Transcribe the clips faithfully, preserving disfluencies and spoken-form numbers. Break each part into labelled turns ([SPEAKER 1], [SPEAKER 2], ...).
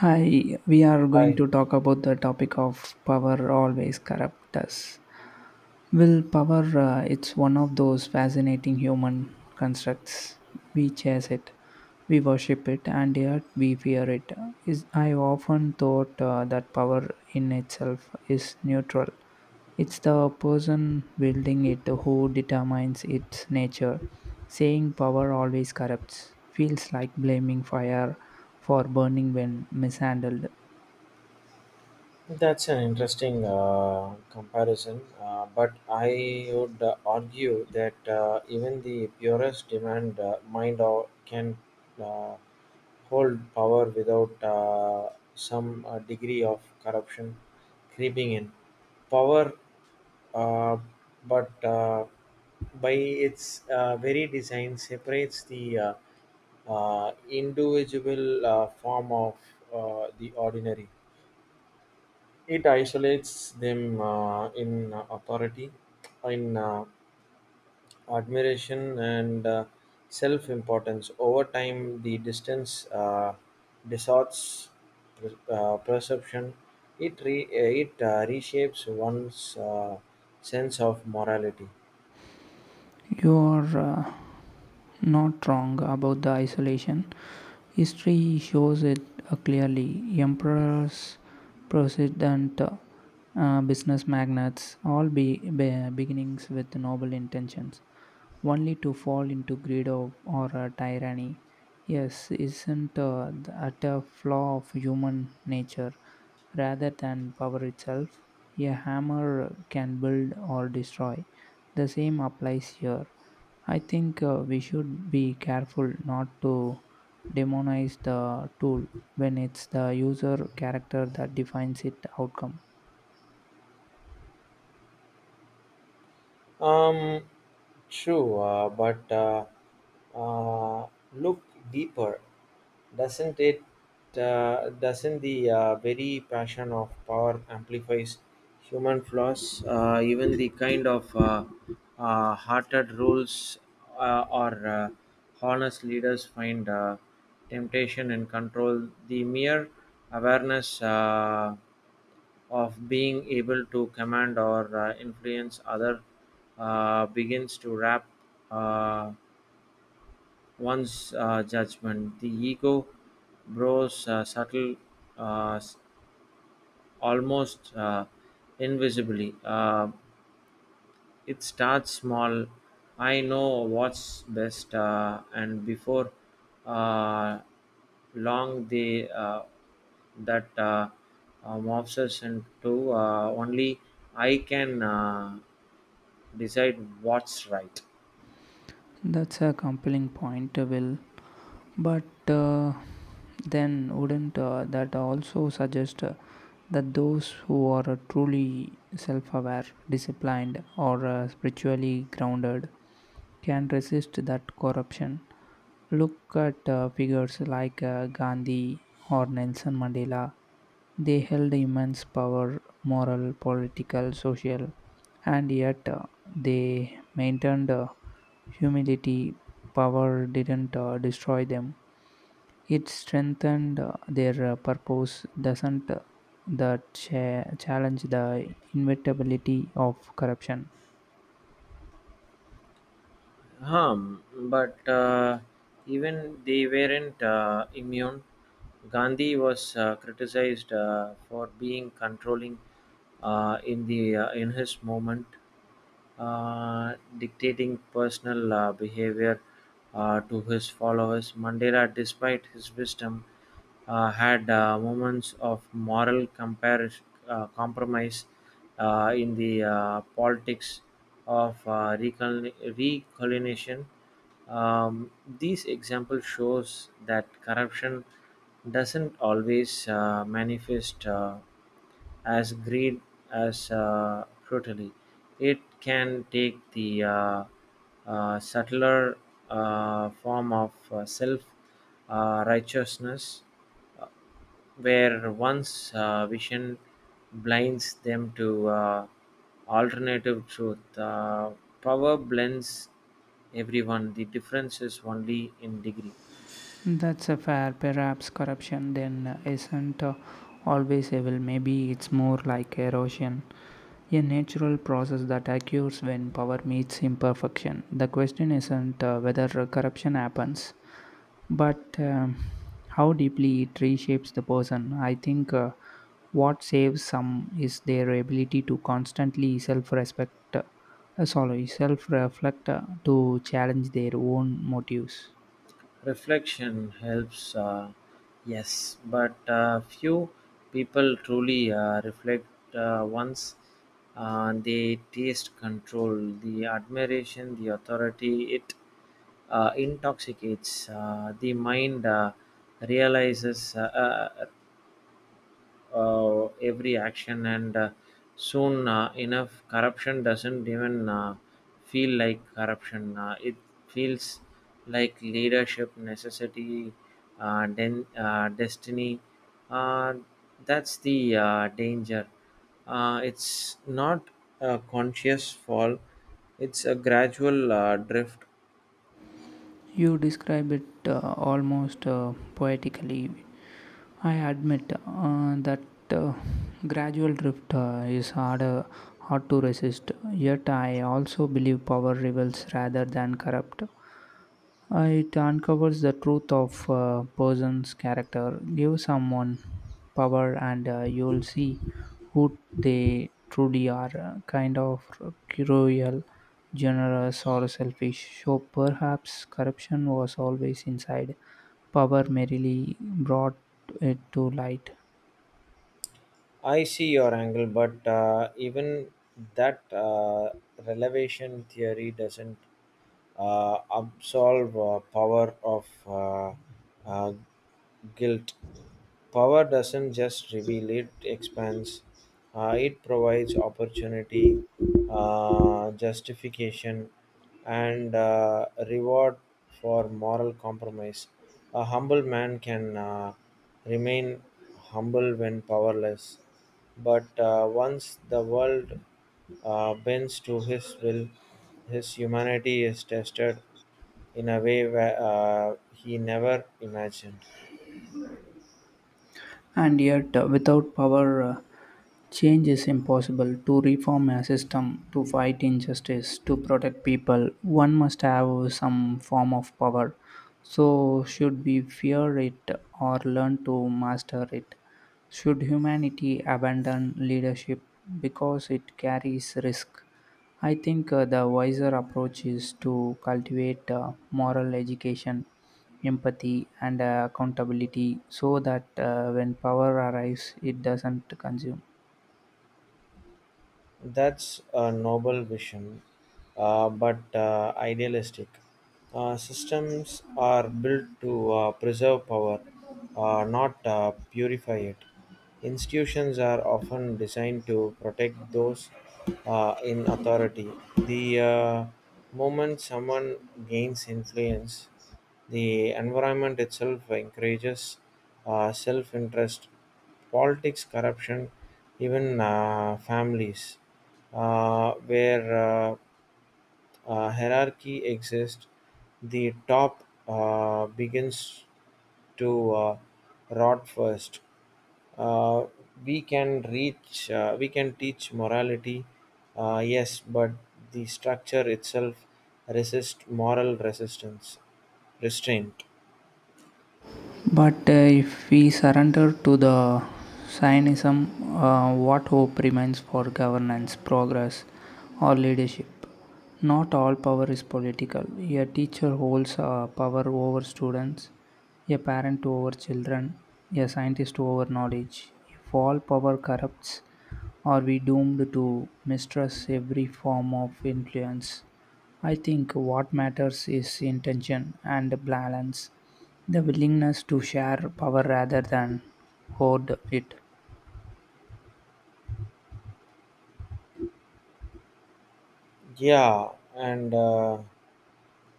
[SPEAKER 1] Hi, we are going
[SPEAKER 2] Hi.
[SPEAKER 1] to talk about the topic of power always corrupt us. Well, power, uh, it's one of those fascinating human constructs. We chase it, we worship it, and yet we fear it. Is I often thought uh, that power in itself is neutral. It's the person wielding it who determines its nature. Saying power always corrupts feels like blaming fire for burning when mishandled.
[SPEAKER 2] That's an interesting uh, comparison, uh, but I would uh, argue that uh, even the purest demand uh, mind or can uh, hold power without uh, some uh, degree of corruption creeping in. Power, uh, but uh, by its uh, very design, separates the uh, uh, individual uh, form of uh, the ordinary. It isolates them uh, in uh, authority, in uh, admiration, and uh, self importance. Over time, the distance uh, distorts uh, perception. It, re- uh, it uh, reshapes one's uh, sense of morality.
[SPEAKER 1] You are uh, not wrong about the isolation. History shows it uh, clearly. Emperors, presidents, uh, business magnates, all be, be beginnings with noble intentions only to fall into greed of, or uh, tyranny. Yes, isn't uh, th- at a flaw of human nature rather than power itself? A hammer can build or destroy. The same applies here. I think uh, we should be careful not to demonize the tool when it's the user character that defines its outcome.
[SPEAKER 2] Um, True, uh, but uh, uh, look deeper. Doesn't it? Uh, doesn't the uh, very passion of power amplifies human flaws? Uh, even the kind of uh, uh, hearted rules uh, or uh, honest leaders find uh, temptation and control. The mere awareness. Uh, of being able to command or uh, influence other uh, begins to wrap uh, one's uh, judgment. The ego grows uh, subtle, uh, s- almost uh, invisibly. Uh, It starts small: "I know what's best," uh, and before uh, long they uh, that uh, uh, morphs into uh, only I can uh, decide what's right.
[SPEAKER 1] That's a compelling point, uh, Will. But uh, then, wouldn't uh, that also suggest uh, that those who are uh, truly self aware, disciplined, or uh, spiritually grounded can resist that corruption? Look at uh, figures like uh, Gandhi or Nelson Mandela. They held immense power, moral, political, social, and yet uh, they maintained uh, humility, power didn't uh, destroy them. It strengthened uh, their uh, purpose, doesn't uh, that cha- challenge the inevitability of corruption.
[SPEAKER 2] Harm, but uh, even they weren't uh, immune. Gandhi was uh, criticized uh, for being controlling uh, in the uh, in his movement, uh, dictating personal uh, behavior uh, to his followers. Mandela, despite his wisdom, uh, had uh, moments of moral comparis- uh, compromise uh, in the uh, politics of uh, recol- recolonization. Um, these examples shows that corruption doesn't always uh, manifest Uh, as greed as uh, brutally. It can take the uh, uh, subtler uh, form of uh, self uh, righteousness, uh, where one's uh, vision blinds them to uh, alternative truth. Uh, power blends everyone; the difference is only in degree.
[SPEAKER 1] That's a fair. Perhaps corruption then uh, isn't uh, always evil. Maybe it's more like erosion, a natural process that occurs when power meets imperfection. The question isn't uh, whether corruption happens, but um, how deeply it reshapes the person. I think uh, what saves some is their ability to constantly self-respect, uh, sorry, self-reflect uh, to challenge their own motives.
[SPEAKER 2] Reflection helps, uh, yes, but uh, few people truly uh, reflect uh, once uh, they taste control, the admiration, the authority, it uh, intoxicates. Uh, the mind uh, realizes uh, uh, uh, every action, and uh, soon uh, enough, corruption doesn't even uh, feel like corruption. Uh, it feels like leadership, necessity, uh, den- uh, destiny. Uh, that's the uh, danger. Uh, it's not a conscious fall, it's a gradual uh, drift.
[SPEAKER 1] You describe it uh, almost uh, poetically. I admit uh, that uh, gradual drift uh, is harder, hard to resist. Yet I also believe power rebels rather than corrupt. Uh, it uncovers the truth of a person's character. Give someone power, and uh, you'll see who they truly are uh, kind of cruel, generous, or selfish. So perhaps corruption was always inside. Power merely brought it to light.
[SPEAKER 2] I see your angle, but uh, even that uh, relevation theory doesn't uh, absolve uh, power of uh, uh, guilt. Power doesn't just reveal, it expands. Uh, it provides opportunity, uh, justification, and uh, reward for moral compromise. A humble man can uh, remain humble when powerless, but uh, once the world uh, bends to his will, his humanity is tested in a way where, uh, he never imagined.
[SPEAKER 1] And yet uh, without power uh, change is impossible to reform a system, to fight injustice, to protect people. One must have some form of power. So should we fear it or learn to master it? Should humanity abandon leadership because it carries risk? I think uh, the wiser approach is to cultivate uh, moral education, empathy, and uh, accountability, so that uh, when power arrives it doesn't consume.
[SPEAKER 2] That's a noble vision, uh, but uh, idealistic. Uh, systems are built to uh, preserve power, uh, not uh, purify it. Institutions are often designed to protect those uh, in authority. The uh, moment someone gains influence, the environment itself encourages uh, self interest, politics, corruption, even uh, families, uh, where uh, uh, hierarchy exists, the top uh, begins to uh, rot first. Uh, we can reach, uh, we can teach morality, uh, yes, but the structure itself resists moral resistance, restraint.
[SPEAKER 1] But uh, if we surrender to the Zionism, uh, what hope remains for governance, progress, or leadership? Not all power is political. A teacher holds uh, power over students, a parent over children, a scientist over knowledge. If all power corrupts, are we doomed to mistrust every form of influence? I think what matters is intention and balance, the willingness to share power rather than hoard it.
[SPEAKER 2] Yeah, and uh,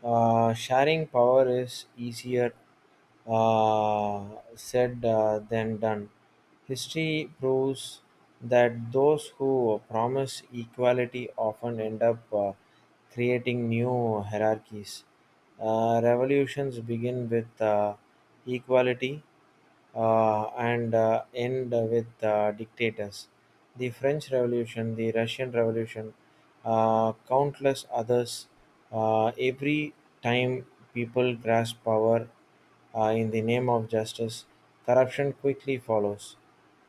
[SPEAKER 2] uh, sharing power is easier uh, said uh, than done. History proves that those who promise equality often end up uh, creating new hierarchies. Uh, revolutions begin with uh, equality, uh, and uh, end with uh, dictators. The French Revolution, the Russian Revolution, uh, countless others. Uh, every time people grasp power uh, in the name of justice, corruption quickly follows.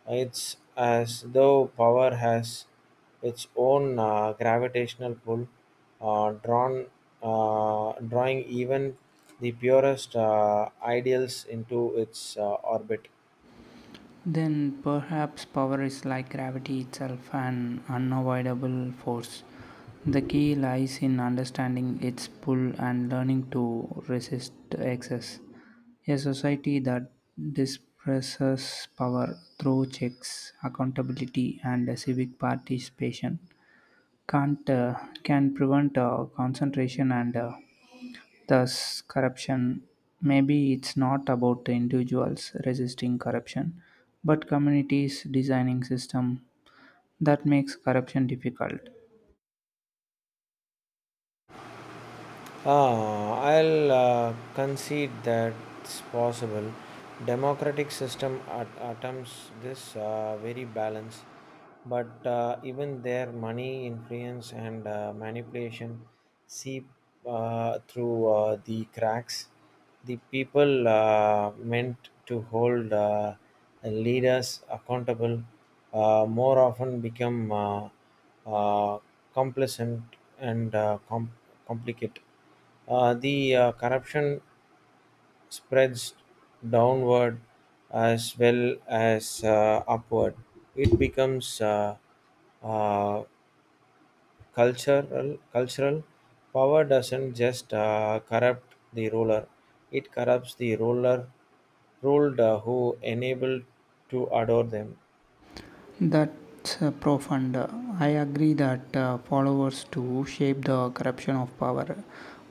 [SPEAKER 2] It's as though power has its own uh, gravitational pull, uh, drawn, uh, drawing even the purest uh, ideals into its uh, orbit.
[SPEAKER 1] Then perhaps power is like gravity itself, an unavoidable force. The key lies in understanding its pull and learning to resist excess. A society that disperses power through checks, accountability, and civic participation can't uh, can prevent uh, concentration and uh, thus corruption. Maybe it's not about the individuals resisting corruption, but communities designing system that makes corruption difficult.
[SPEAKER 2] Ah, I'll uh, concede that's possible. Democratic system at- attempts this uh, very balance, but uh, even their money, influence, and uh, manipulation seep uh, through uh, the cracks. The people uh, meant to hold uh, leaders accountable uh, more often become uh, uh, complacent and uh, com- complicate. Uh, the uh, Corruption spreads downward as well as uh, upward. It becomes uh, uh, cultural. Cultural power doesn't just uh, corrupt the ruler, it corrupts the ruler ruled uh, who enabled to adore them.
[SPEAKER 1] That's uh, profound. I agree that uh, followers too shape the corruption of power.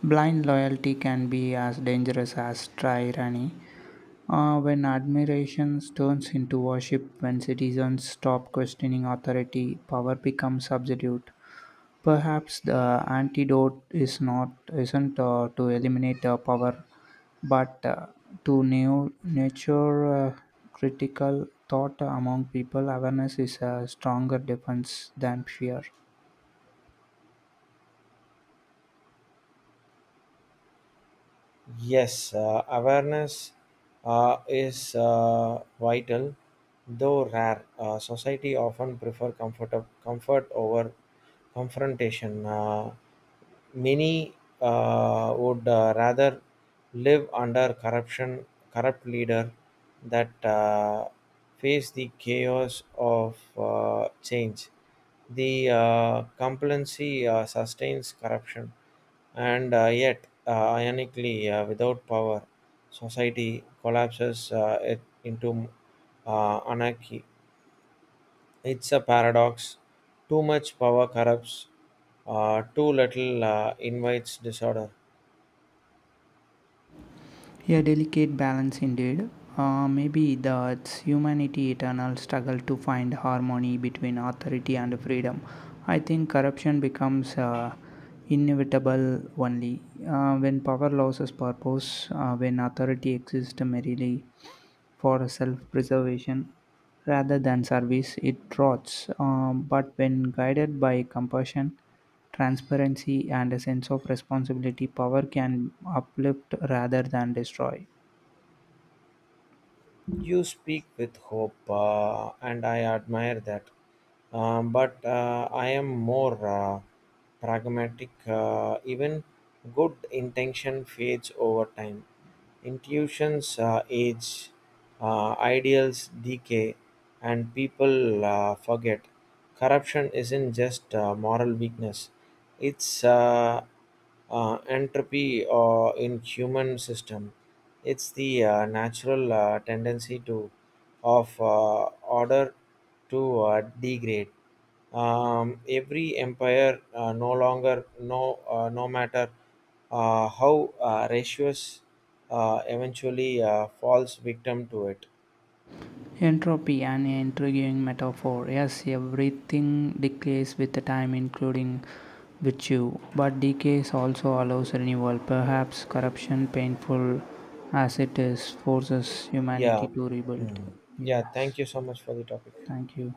[SPEAKER 1] Blind loyalty can be as dangerous as tyranny. Uh, when admiration turns into worship, when citizens stop questioning authority, power becomes absolute. Perhaps the antidote is not isn't uh, to eliminate uh, power, but uh, to new nature uh, critical thought among people. Awareness is a stronger defense than fear.
[SPEAKER 2] Yes, uh, awareness uh, is uh, vital, though rare. Uh, society often prefer comfort, comfort over confrontation. Uh, many uh, would uh, rather live under corruption, corrupt leader that uh, face the chaos of uh, change. The uh, complacency uh, sustains corruption, and uh, yet, uh, ironically, uh, without power, society collapses uh, it into uh, anarchy. It's a paradox. Too much power corrupts, uh, too little uh, invites disorder.
[SPEAKER 1] A delicate balance indeed. Uh, maybe that's humanity eternal struggle to find harmony between authority and freedom. I think corruption becomes uh, inevitable only uh, when power loses purpose, uh, when authority exists merely for self-preservation rather than service. It trots, um, but when guided by compassion, transparency, and a sense of responsibility, power can uplift rather than destroy.
[SPEAKER 2] You speak with hope, uh, and I admire that. Um, but uh, I am more uh, pragmatic. Uh, even good intention fades over time. Intuitions uh, age, uh, ideals decay, and people uh, forget. Corruption isn't just uh, moral weakness; it's uh, uh, entropy uh, in human system. It's the uh, natural uh, tendency to of uh, order to uh, degrade. Um, every empire, uh, no longer no uh, no matter uh, how uh, ratios, uh, eventually uh, falls victim to it.
[SPEAKER 1] Entropy, an intriguing metaphor. Yes, everything decays with the time, including virtue, but decay also allows renewal. Perhaps corruption, painful as it is, forces humanity
[SPEAKER 2] Yeah.
[SPEAKER 1] to rebuild.
[SPEAKER 2] Mm. Yeah,
[SPEAKER 1] Yes,
[SPEAKER 2] thank you so much for the topic.
[SPEAKER 1] thank you.